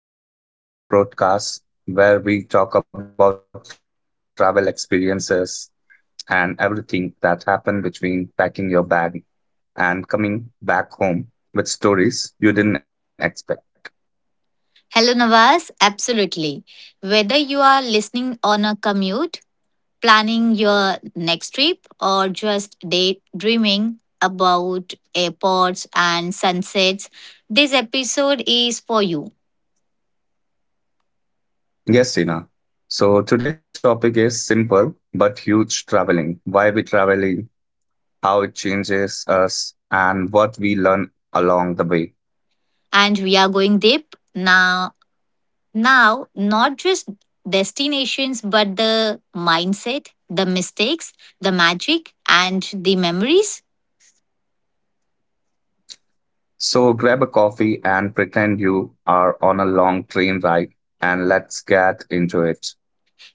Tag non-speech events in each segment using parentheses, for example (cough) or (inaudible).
back to Wonder Talk, the podcast where we talk about travel experiences and everything that happened between packing your bag and coming back home with stories you didn't expect. Hello, Nawaz. Absolutely. Whether you are listening on a commute, planning your next trip, or just daydreaming about airports and sunsets, this episode is for you. Yes, Sina. So today's topic is simple but huge traveling. Why we traveling, how it changes us, and what we learn along the way. And we are going deep now, not just destinations, but the mindset, the mistakes, the magic, and the memories. So grab a coffee and pretend you are on a long train ride and let's get into it.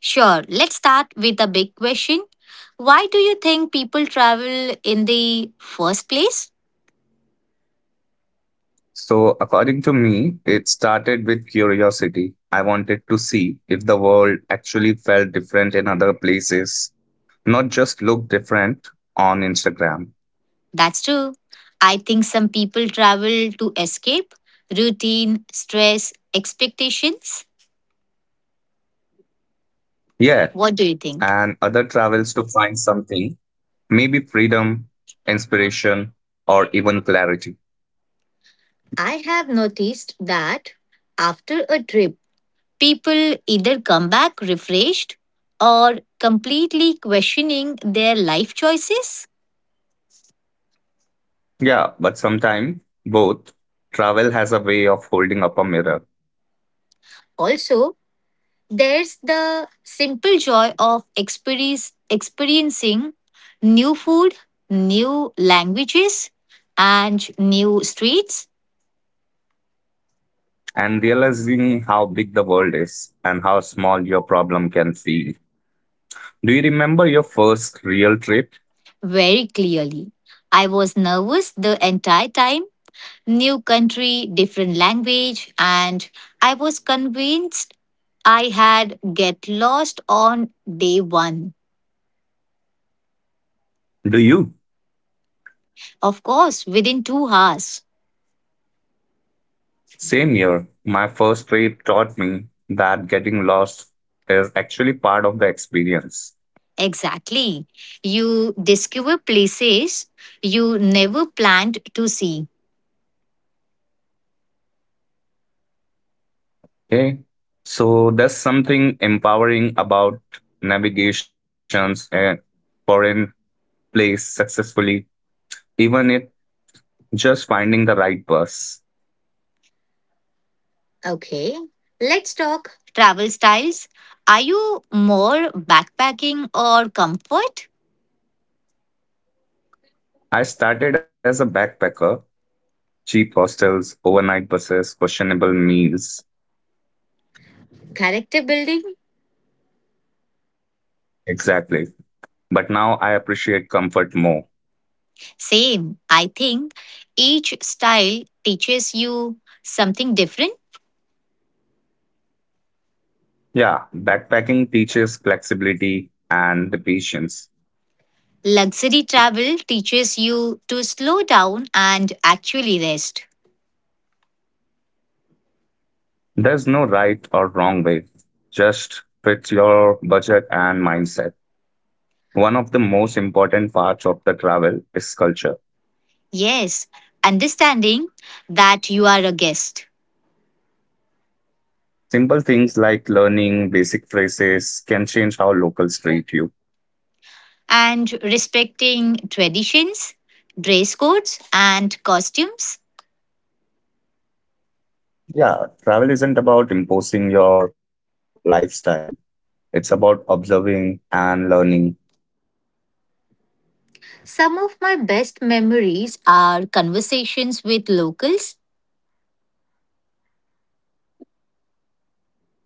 Sure, let's start with a big question. Why do you think people travel in the first place? So, according to me, it started with curiosity. I wanted to see if the world actually felt different in other places, not just look different on Instagram. That's true. I think some people travel to escape routine, stress, expectations. Yeah, What do you think? and other travels to find something, maybe freedom, inspiration, or even clarity. I have noticed that after a trip, people either come back refreshed or completely questioning their life choices. Yeah, but sometimes both travel has a way of holding up a mirror Also, there's the simple joy of experiencing new food, new languages, and new streets. and realizing how big the world is and how small your problem can feel. Do you remember your first real trip? Very clearly. I was nervous the entire time. New country, different language, and I was convinced I had get lost on day one. Do you? Of course, within 2 hours. Same year, my first trip taught me that getting lost is actually part of the experience. Exactly. You discover places you never planned to see. Okay. So there's something empowering about navigations and foreign place successfully, even it just finding the right bus. Okay, let's talk. Travel styles. Are you more backpacking or comfort? I started as a backpacker cheap hostels, overnight buses, questionable meals. Character building? Exactly. But now I appreciate comfort more. Same. I think each style teaches you something different. Yeah, backpacking teaches flexibility and the patience. Luxury travel teaches you to slow down and actually rest. There's no right or wrong way. Just fit your budget and mindset. One of the most important parts of the travel is culture. Yes, understanding that you are a guest. Simple things like learning basic phrases can change how locals treat you. And respecting traditions, dress codes, and costumes. Yeah, travel isn't about imposing your lifestyle. It's about observing and learning. Some of my best memories are conversations with locals.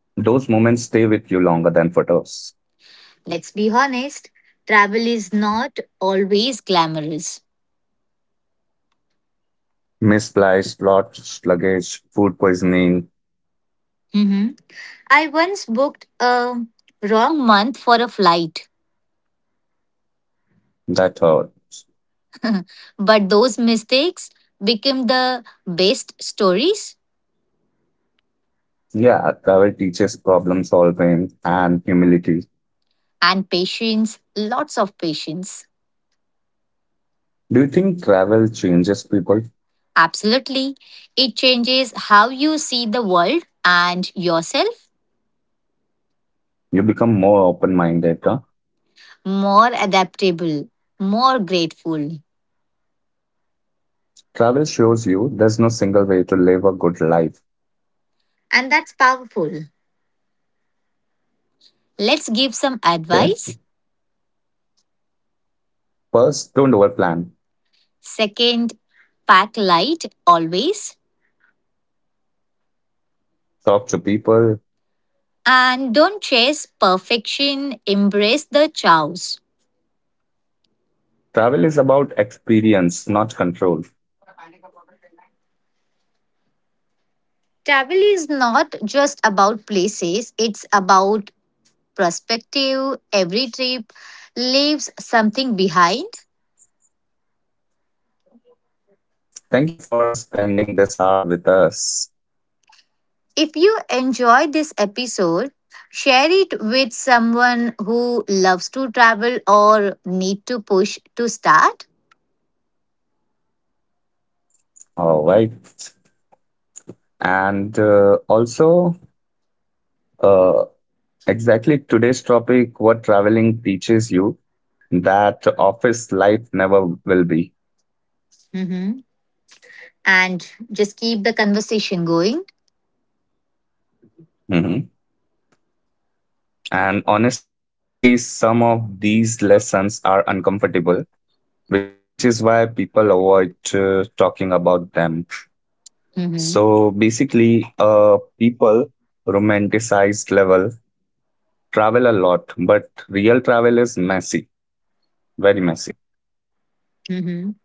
Those moments stay with you longer than photos. Let's be honest, travel is not always glamorous. Misplaced lost luggage, food poisoning, Mhm. I once booked a wrong month for a flight, that hurts. but those mistakes became the best stories. Yeah, travel teaches problem solving and humility. And patience, lots of patience. Do you think travel changes people? Absolutely. It changes how you see the world and yourself. You become more open minded. Huh? More adaptable, more grateful. Travel shows you there's no single way to live a good life. And that's powerful. Let's give some Yeah. advice. First, don't overplan. Second, pack light always. Talk to people. And don't chase perfection, embrace the chaos. Travel is about experience, not control. Travel is not just about places, it's about perspective. Every trip leaves something behind. Thank you for spending this hour with us. If you enjoyed this episode, share it with someone who loves to travel or need to push to start. All right. And also, uh, exactly today's topic what traveling teaches you that office life never will be. Mhm. And just keep the conversation going. Mhm. And honestly, some of these lessons are uncomfortable, which is why people avoid talking about them. Mhm. So basically, people romanticized level travel a lot, but real travel is messy, very messy. Mhm.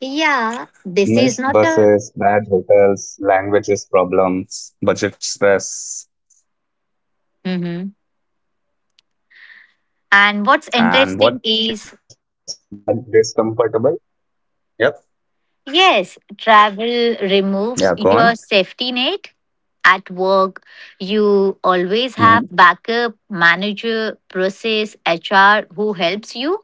Yeah, this is not Missed a. buses, bad hotels, languages problems, budget stress. Mhm. And what's And what interesting interesting is is that discomfortable. Yep. yes, travel Yeah, go on. removes your safety net. At work, you Mhm. always have backup, manager, process, HR who helps you.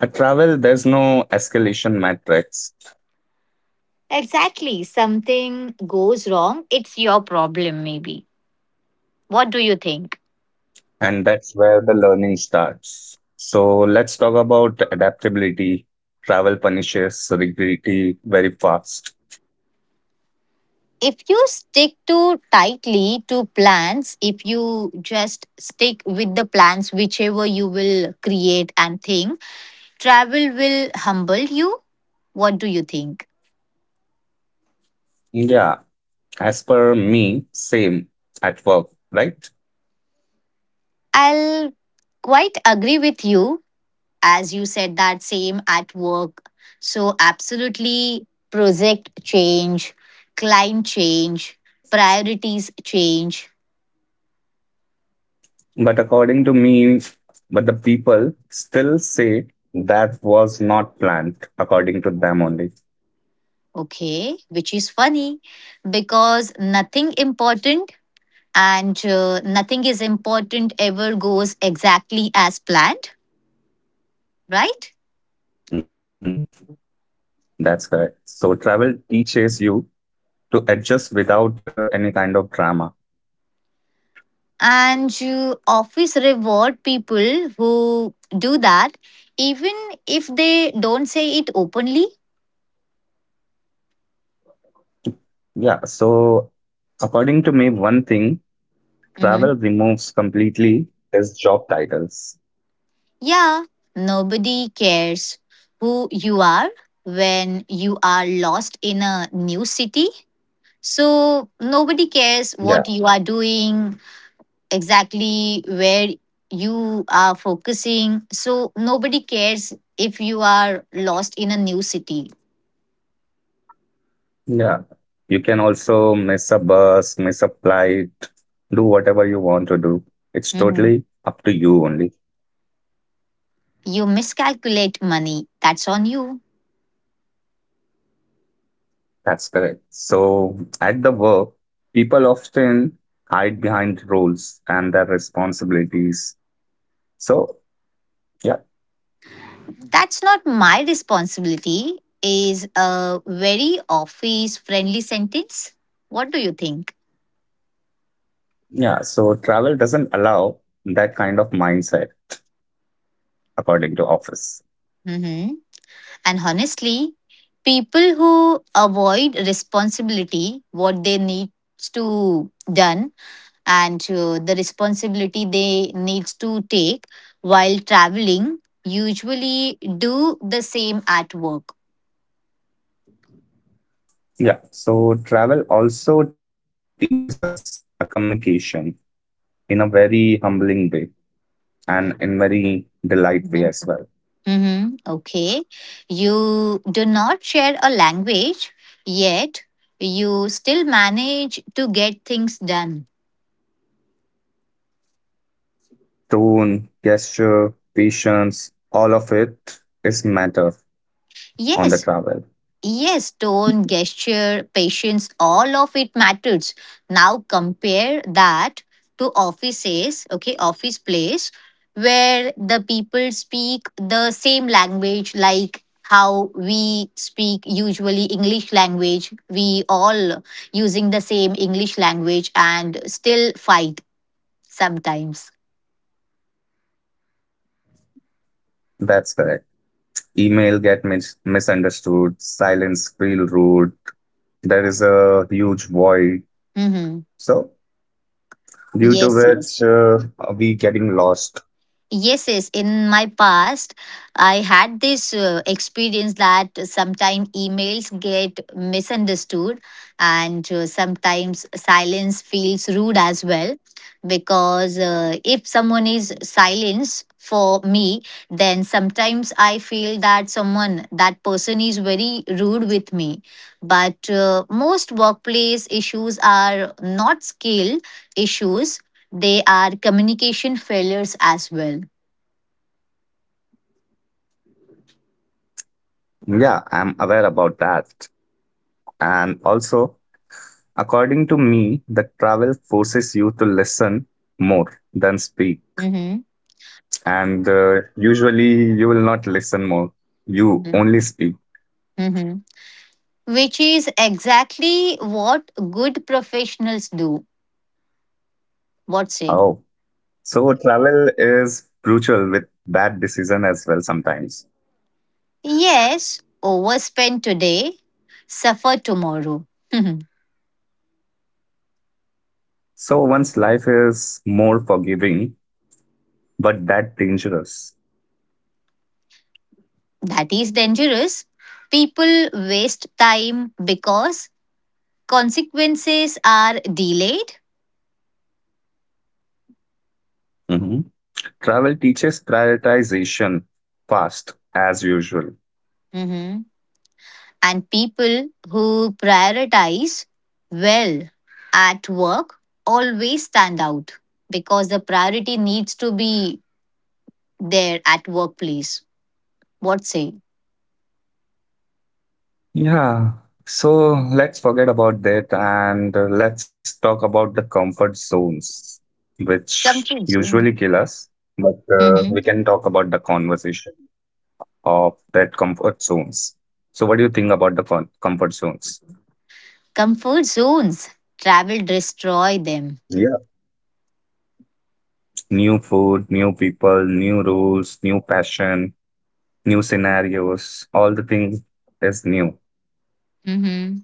At travel, there's no escalation matrix, Exactly. Something goes wrong, it's your problem, maybe. What do you think? and that's where the learning starts. So let's talk about adaptability. Travel punishes rigidity very fast. If you stick too tightly to plans, if you just stick with the plans, whichever you will create and think, travel will humble you. What do you think? Yeah, as per me, same at work, right? I'll quite agree with you as you said that same at work, so absolutely project change, client change, priorities change. But according to me, but the people still say that was not planned, according to them only. Okay, which is funny because nothing is important ever goes exactly as planned, right? Mhm. That's correct. So travel teaches you to adjust without any kind of drama. And you office reward people who do that, even if they don't say it openly. Yeah. So according to me, one thing travel Mm-hmm. removes completely is job titles. Yeah, nobody cares who you are when you are lost in a new city. So nobody cares Yeah. what you are doing, exactly where you are focusing. So nobody cares if you are lost in a new city. Yeah. You can also miss a bus, miss a flight, do whatever you want to do. It's Mhm. totally up to you only. You miscalculate money, that's on you. That's correct. So at the work, people often hide behind roles and their responsibilities. So yeah, That's not my responsibility, is a very office friendly sentence. What do you think? yeah. So travel doesn't allow that kind of mindset, according to Office. Hmm. And honestly, people who avoid responsibility, what they need to done and the responsibility they needs to take while traveling usually do the same at work. Yeah. So travel also teaches us a communication in a very humbling way and in very delight way as well. Mhm. Mm-hmm. Okay. You do not share a language, yet you still manage to get things done. Tone, gesture, patience, all of it is matter Yes, on the travel. yes, tone, gesture, patience, all of it matters. Now compare that to offices, okay, office place where the people speak the same language, like how we speak usually English language, we all using the same English language and still fight sometimes. That's correct. Email get misunderstood, silence feel rude, there is a huge void, Hmm. so due to Yes, yes. which we getting lost. Yes, yes. In my past, I had this experience that sometimes emails get misunderstood and sometimes silence feels rude as well. Because if someone is silence for me, then sometimes I feel that someone, that person is very rude with me. But most workplace issues are not skill issues, they are communication failures as well. Yeah, I'm aware about that. And also, according to me, the travel forces you to listen more than speak, Mm-hmm. and usually you will not listen more, you only speak. Mm-hmm. Which is exactly what good professionals do. What say? Oh, so travel is brutal with bad decision as well sometimes. Yes, overspend today, suffer tomorrow. (laughs) So one's life is more forgiving, but that dangerous. That is dangerous. People waste time because consequences are delayed. Mhm. Travel teaches prioritization fast as usual. Mhm. And people who prioritize well at work always stand out because the priority needs to be there at workplace. What say? Yeah. So let's forget about that and let's talk about the comfort zones, which Comfort zone. usually kill us. But Hmm. we can talk about the conversation of that comfort zones. So what do you think about the comfort zones? Comfort zones. Travel destroy them. Yeah. New food, new people, new rules, new passion, new scenarios, all the things is new. Hmm.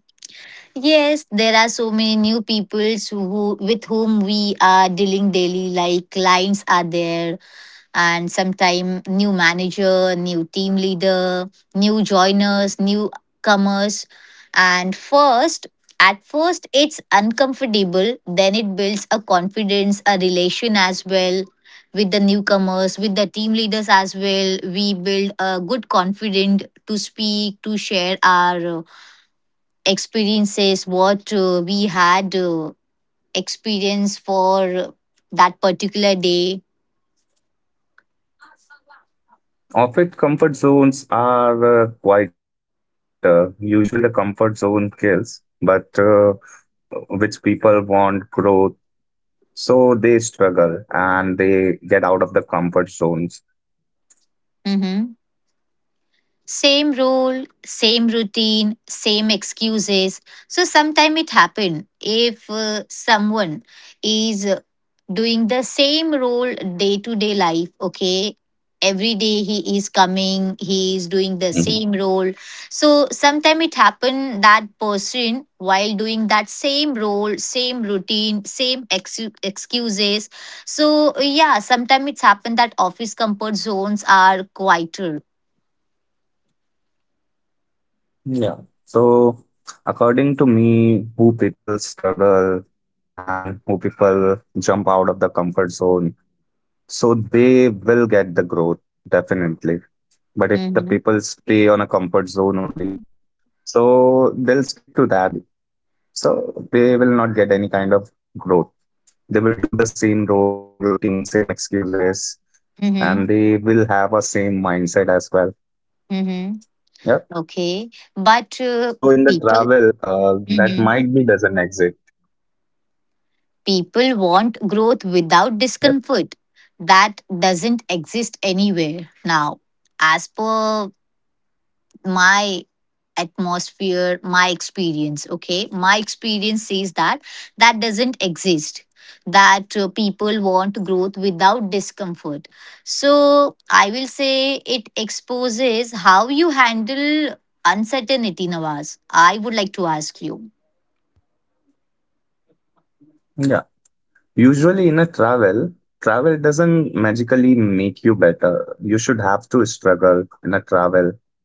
Yes, there are so many new people who, with whom we are dealing daily. Like clients are there, and sometime new manager, new team leader, new joiners, newcomers. And first, at first, it's uncomfortable, then it builds a confidence, a relation as well with the newcomers, with the team leaders as well. We build a good confidence to speak, to share our experiences, what we had experience for that particular day. Often comfort zones are quieter. Usually the comfort zone kills, but which people want growth, so they struggle and they get out of the comfort zones. Mhm. Same role, same routine, same excuses. So sometime it happen if someone is doing the same role day to day life, okay? Every day he is coming, he Mhm. is doing the same role. So sometime it happen that person while doing that same role, same routine, same excuses. So yeah, sometime it's happened that office comfort zones are quieter. Yeah. So according to me, who people struggle and who people jump out of the comfort zone, so they will get the growth definitely. But if the Mm-hmm. people stay on a comfort zone only, so they'll stick to that only. So they will not get any kind of growth. They will do the same role, same routine, same excuses, and Mm-hmm. they will have a same mindset as well. Mm-hmm. Yeah. Okay. But So in the people. travel, that Mhm. might be doesn't exist. People want growth without Yep. discomfort. That doesn't exist anywhere now. As per my my experience, okay, my experience says that that doesn't exist, that people want growth without discomfort, so I will say it exposes how you handle uncertainty. Nawaz, I would like to ask you. Yeah. Usually in a travel, travel doesn't magically make you better. You should have to struggle in a travel.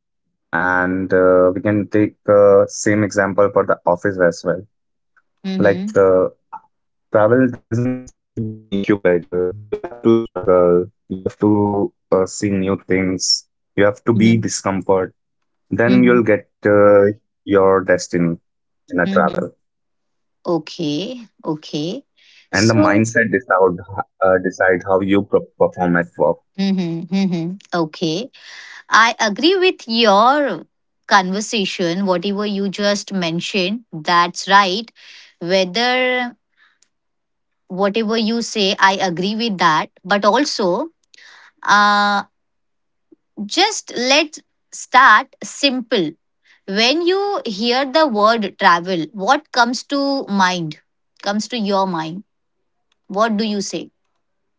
And we can take same example for the office as well. Mm-hmm. Like travel doesn't magically make you better. You have to struggle. You have to see new things. You have to be Mm-hmm. discomfort. Then you'll Mm-hmm. get your destiny in a travel. Mm-hmm. Okay, okay. And the So mindset decide how you perform at work. Mm-hmm, mm-hmm. Okay. I agree with your conversation, whatever you just mentioned. That's right. Whether Mhm. whatever you say, I agree with that. But also, uh, just let's start simple. When you hear the word travel, what comes to mind? Comes to your mind? What do you say?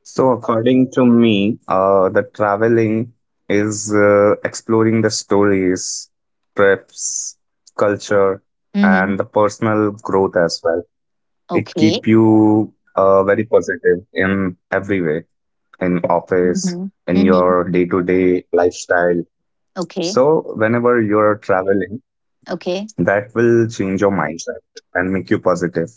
So according to me, the traveling is exploring the stories, trips, culture, Mm-hmm. and the personal growth as well. It Okay. keep you very positive in every way, in office, Mm-hmm. in Mm-hmm. your day-to-day lifestyle. Okay. So whenever you're traveling, Okay. that will change your mindset and make you positive.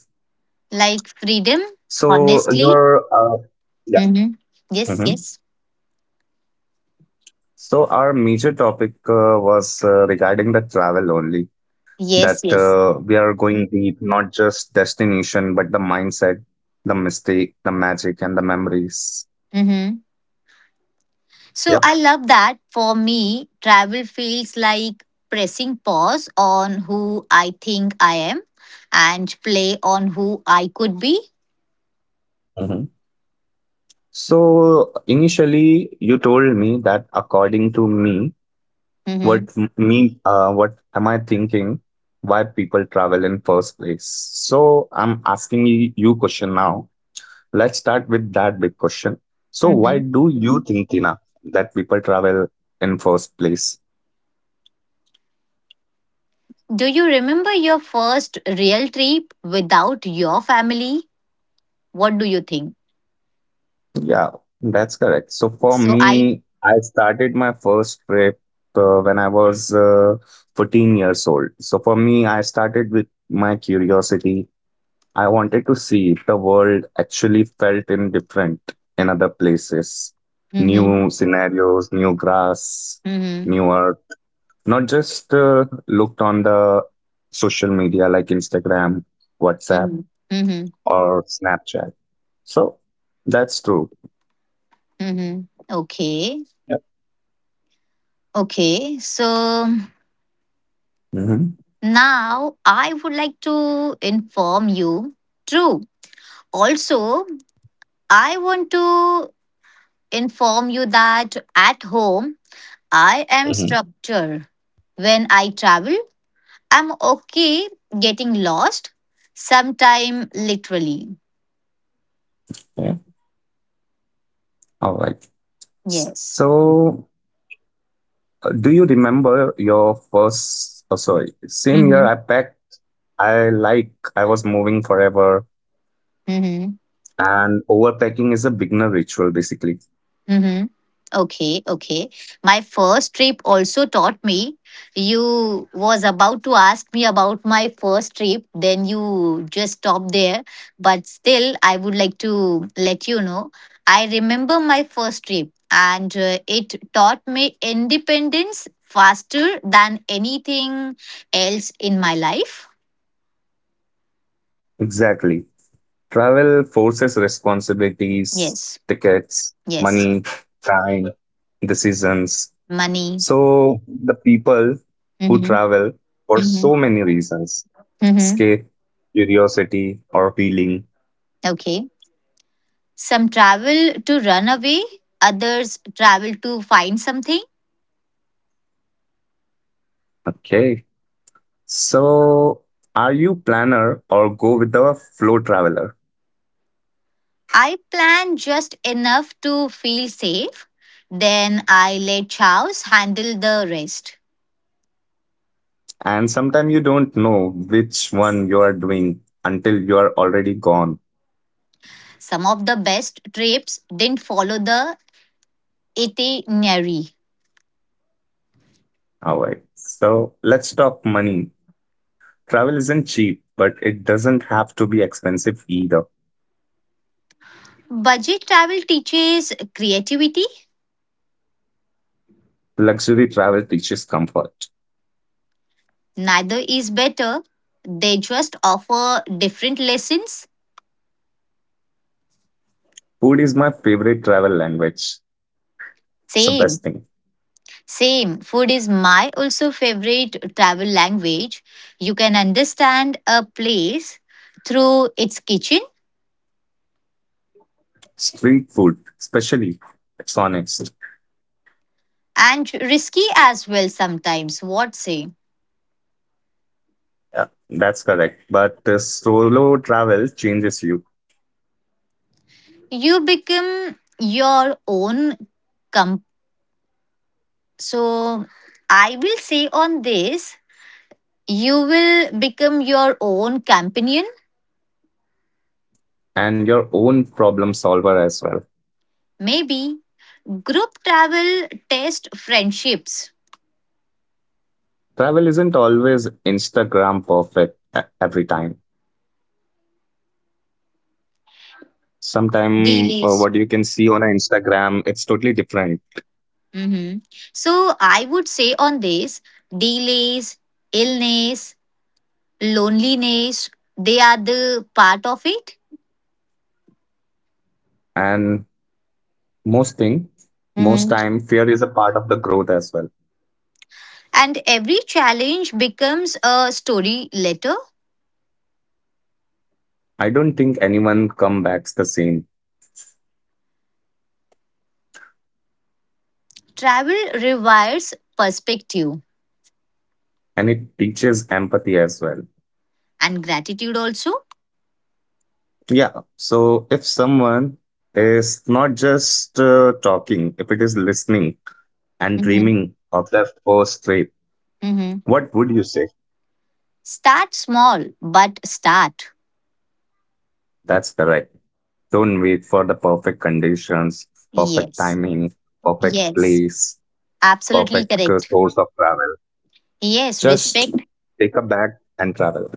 Like freedom, So honestly, your yeah. Mm-hmm. Yes, Mhm. yes. So our major topic was regarding the travel only. Yes, That yes. We are going deep, not just destination, but the mindset, the mistake, the magic, and the memories. Mm-hmm. So Yep. I love that. For me, travel feels like pressing pause on who I think I am and play on who I could be. So initially, you told me that according to me, what Mm-hmm. Me, what am I thinking? Why people travel in first place? So I'm asking you question now. Let's start with that big question. So why Mm-hmm. do you think, Tina, that people travel in first place? Do you remember your first real trip without your family? What do you think? Yeah, that's correct. So for So I. me, I started my first trip when I was 14 years old. So for me, I started with my curiosity. I wanted to see if the world actually felt in different in other places. Mm-hmm. New scenarios, new grass, Mm-hmm. new earth. Not just looked on the social media like Instagram, WhatsApp, Mm-hmm. Mm-hmm. or Snapchat. So that's true. Mm-hmm. Okay. Yep. Okay. So. Hmm. Now, I would like to inform you, true. Also, I want to inform you that at home, I am Hmm. structured. When I travel, I'm okay getting lost, sometime literally. Yeah. All right. Yes. So, do you remember your first? Oh, sorry. Same year I packed. I like. I was moving forever. Mm-hmm. And overpacking is a beginner ritual, basically. Mm-hmm. Okay, okay. My first trip also taught me. You was about to ask me about my first trip, then you just stopped there. But still, I would like to let you know. I remember my first trip, and it taught me independence faster than anything else in my life. Exactly. Travel forces responsibilities, Yes, tickets, yes. money, time, decisions. Money. So the people who Mm-hmm. travel for Mm-hmm. so many reasons Mm-hmm. escape, curiosity, or healing. Okay. Some travel to run away, others travel to find something. Okay. So are you planner or go with the flow traveler? I plan just enough to feel safe. Then I let Charles handle the rest. And sometimes you don't know which one you are doing until you are already gone. Some of the best trips didn't follow the itinerary. All right. So let's talk money. Travel isn't cheap, but it doesn't have to be expensive either. Budget travel teaches creativity. Luxury travel teaches comfort. Neither is better. They just offer different lessons. Food is my favorite travel language. It's the best thing. Same. Same, food is my also favorite travel language. You can understand a place through its kitchen Street food, especially, it's honest. and risky as well sometimes. What say? Yeah, that's correct. But solo travel changes you You become your own comp. So I will say on this, you will become your own companion. and your own problem solver as well. Maybe group travel test friendships. Travel isn't always Instagram perfect every time. Sometimes what you Delays. can see on a Instagram, it's totally different, Mm-hmm. So I would say on this, delays, illness, loneliness, they are the part of it. and most thing most Hmm. time fear is a part of the growth as well. And every challenge becomes a story later. I don't think anyone come backs the same, Travel requires perspective and it teaches empathy as well. and gratitude also. Yeah, so if someone is not just talking, if it is listening and Hmm. dreaming of their first trip, Hmm. what would you say? Start small, but start. That's correct. Don't wait for the perfect conditions, perfect Yes. timing, perfect Yes. place, Absolutely perfect correct. source of travel. Yes. Just Respect. take a bag and travel.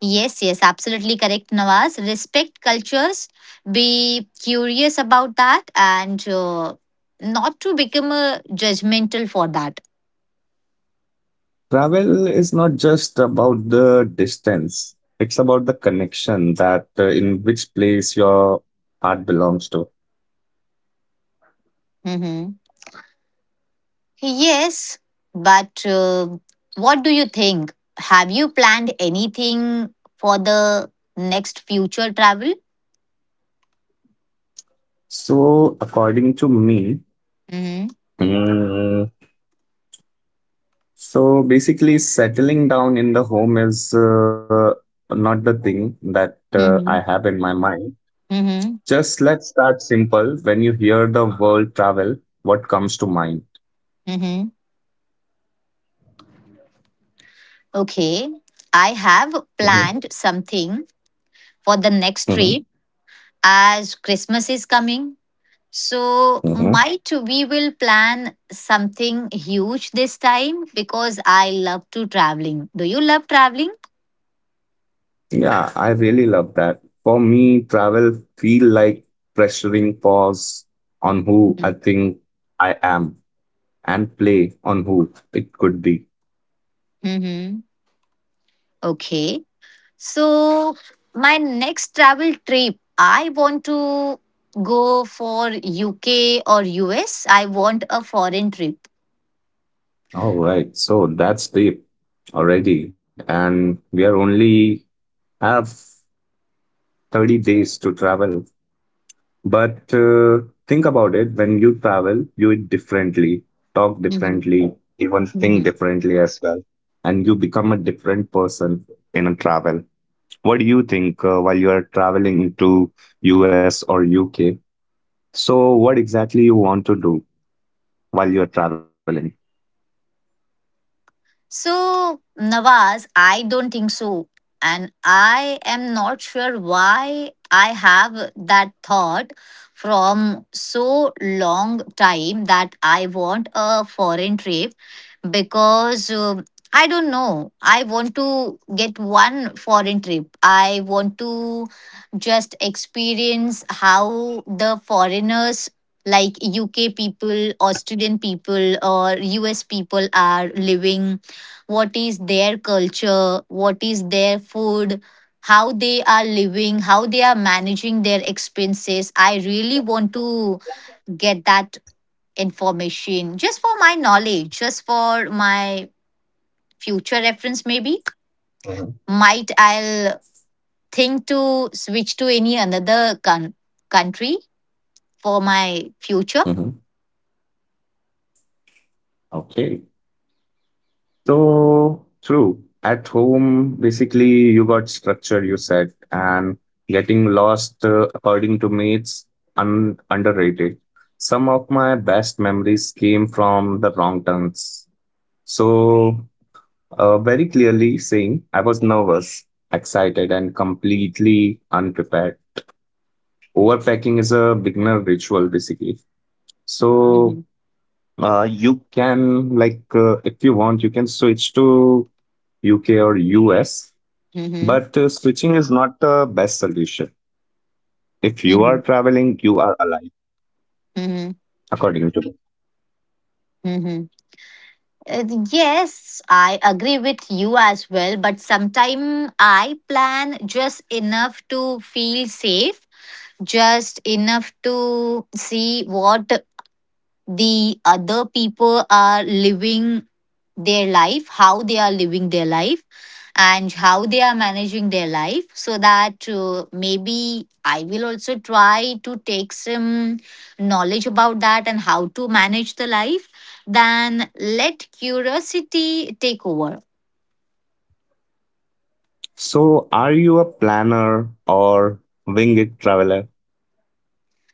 Yes, yes, absolutely correct, Nawaz. Respect cultures, be curious about that, and not to become judgmental for that. Travel is not just about the distance, it's about the connection that in which place your heart belongs to. Hmm. Yes, but what do you think? Have you planned anything for the next future travel? So, according to me, Mm-hmm. mm, so basically, settling down in the home is not the thing that I have Hmm. in my mind. Mm-hmm. Just let's start simple. When you hear the word travel, what comes to mind? Mm-hmm. Okay, I have Mhm. planned something for the next trip as Christmas is coming. So, Mhm. might we will plan something huge this time because I love to traveling. Do you love traveling? Yeah, I really love that. For me, travel feel like pressuring pause on who I think I am and play on who it could be. Mm-hmm. Okay. So, my next travel trip, I want to go for UK or US. I want a foreign trip. All right, so that's deep already, and we are only have 30 days to travel. But think about it, when you travel, you eat differently, talk Mm-hmm. differently, even think differently as well, and you become a different person in a travel. What do you think while you are traveling to US or UK? So what exactly you want to do while you are traveling? So, Nawaz, I don't think so. And I am not sure why I have that thought from so long time that I want a foreign trip because I don't know. I want to get one foreign trip. I want to just experience how the foreigners like UK people, Australian people, or US people are living, what is their culture, what is their food, how they are living, how they are managing their expenses. I really want to get that information just for my knowledge, just for my future reference, maybe. Hmm. Might I'll think to switch to any another country for my Mm-hmm. future. Okay. So true. At home, basically, you got structure, you said, and getting lost, according to me, it's underrated. Some of my best memories came from the wrong turns. So very clearly saying I was nervous, excited, and completely unprepared. Overpacking is a beginner ritual, basically. So Mm-hmm. You can, like, if you want, you can switch to UK or US, Hmm. but switching is not the best solution. If you Hmm. are traveling, you are alive, Hmm. according to me. Hmm. Yes, I agree with you as well, but sometimes I plan just enough to feel safe, just enough to see what the other people are living their life, how they are living their life, and how they are managing their life, so that maybe I will also try to take some knowledge about that and how to manage the life. Then let curiosity take over. So, are you a planner or wing it traveler?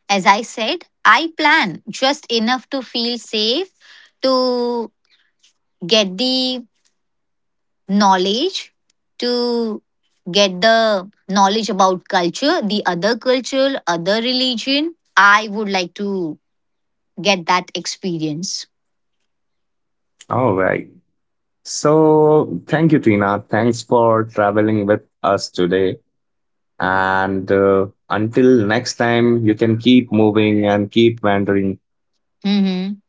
As I said, I plan just enough to feel safe to get the knowledge to get the knowledge about culture, the other culture, other religion. I would like to get that experience. All right. So, thank you, Tina. Thanks for traveling with us today. And until next time, you can keep moving and keep wandering. Hmm.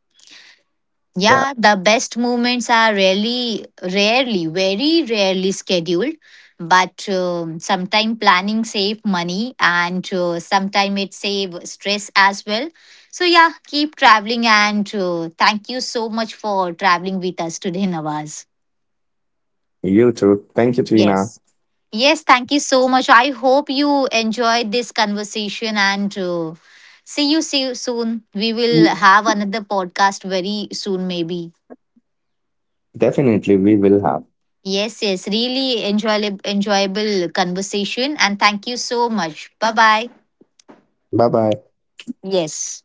Yeah, Yeah, the best moments are rarely, very rarely scheduled. But sometime planning save money and sometime it save stress as well. So yeah, keep traveling and thank you so much for traveling with us today, Nawaz. you too. Thank you, Yes. Tina. Yes, thank you so much. I hope you enjoyed this conversation and see you soon. We will have another podcast very soon maybe. Definitely, we will have. Yes, yes, really enjoyable conversation and thank you so much. Bye-bye. Bye bye. Yes.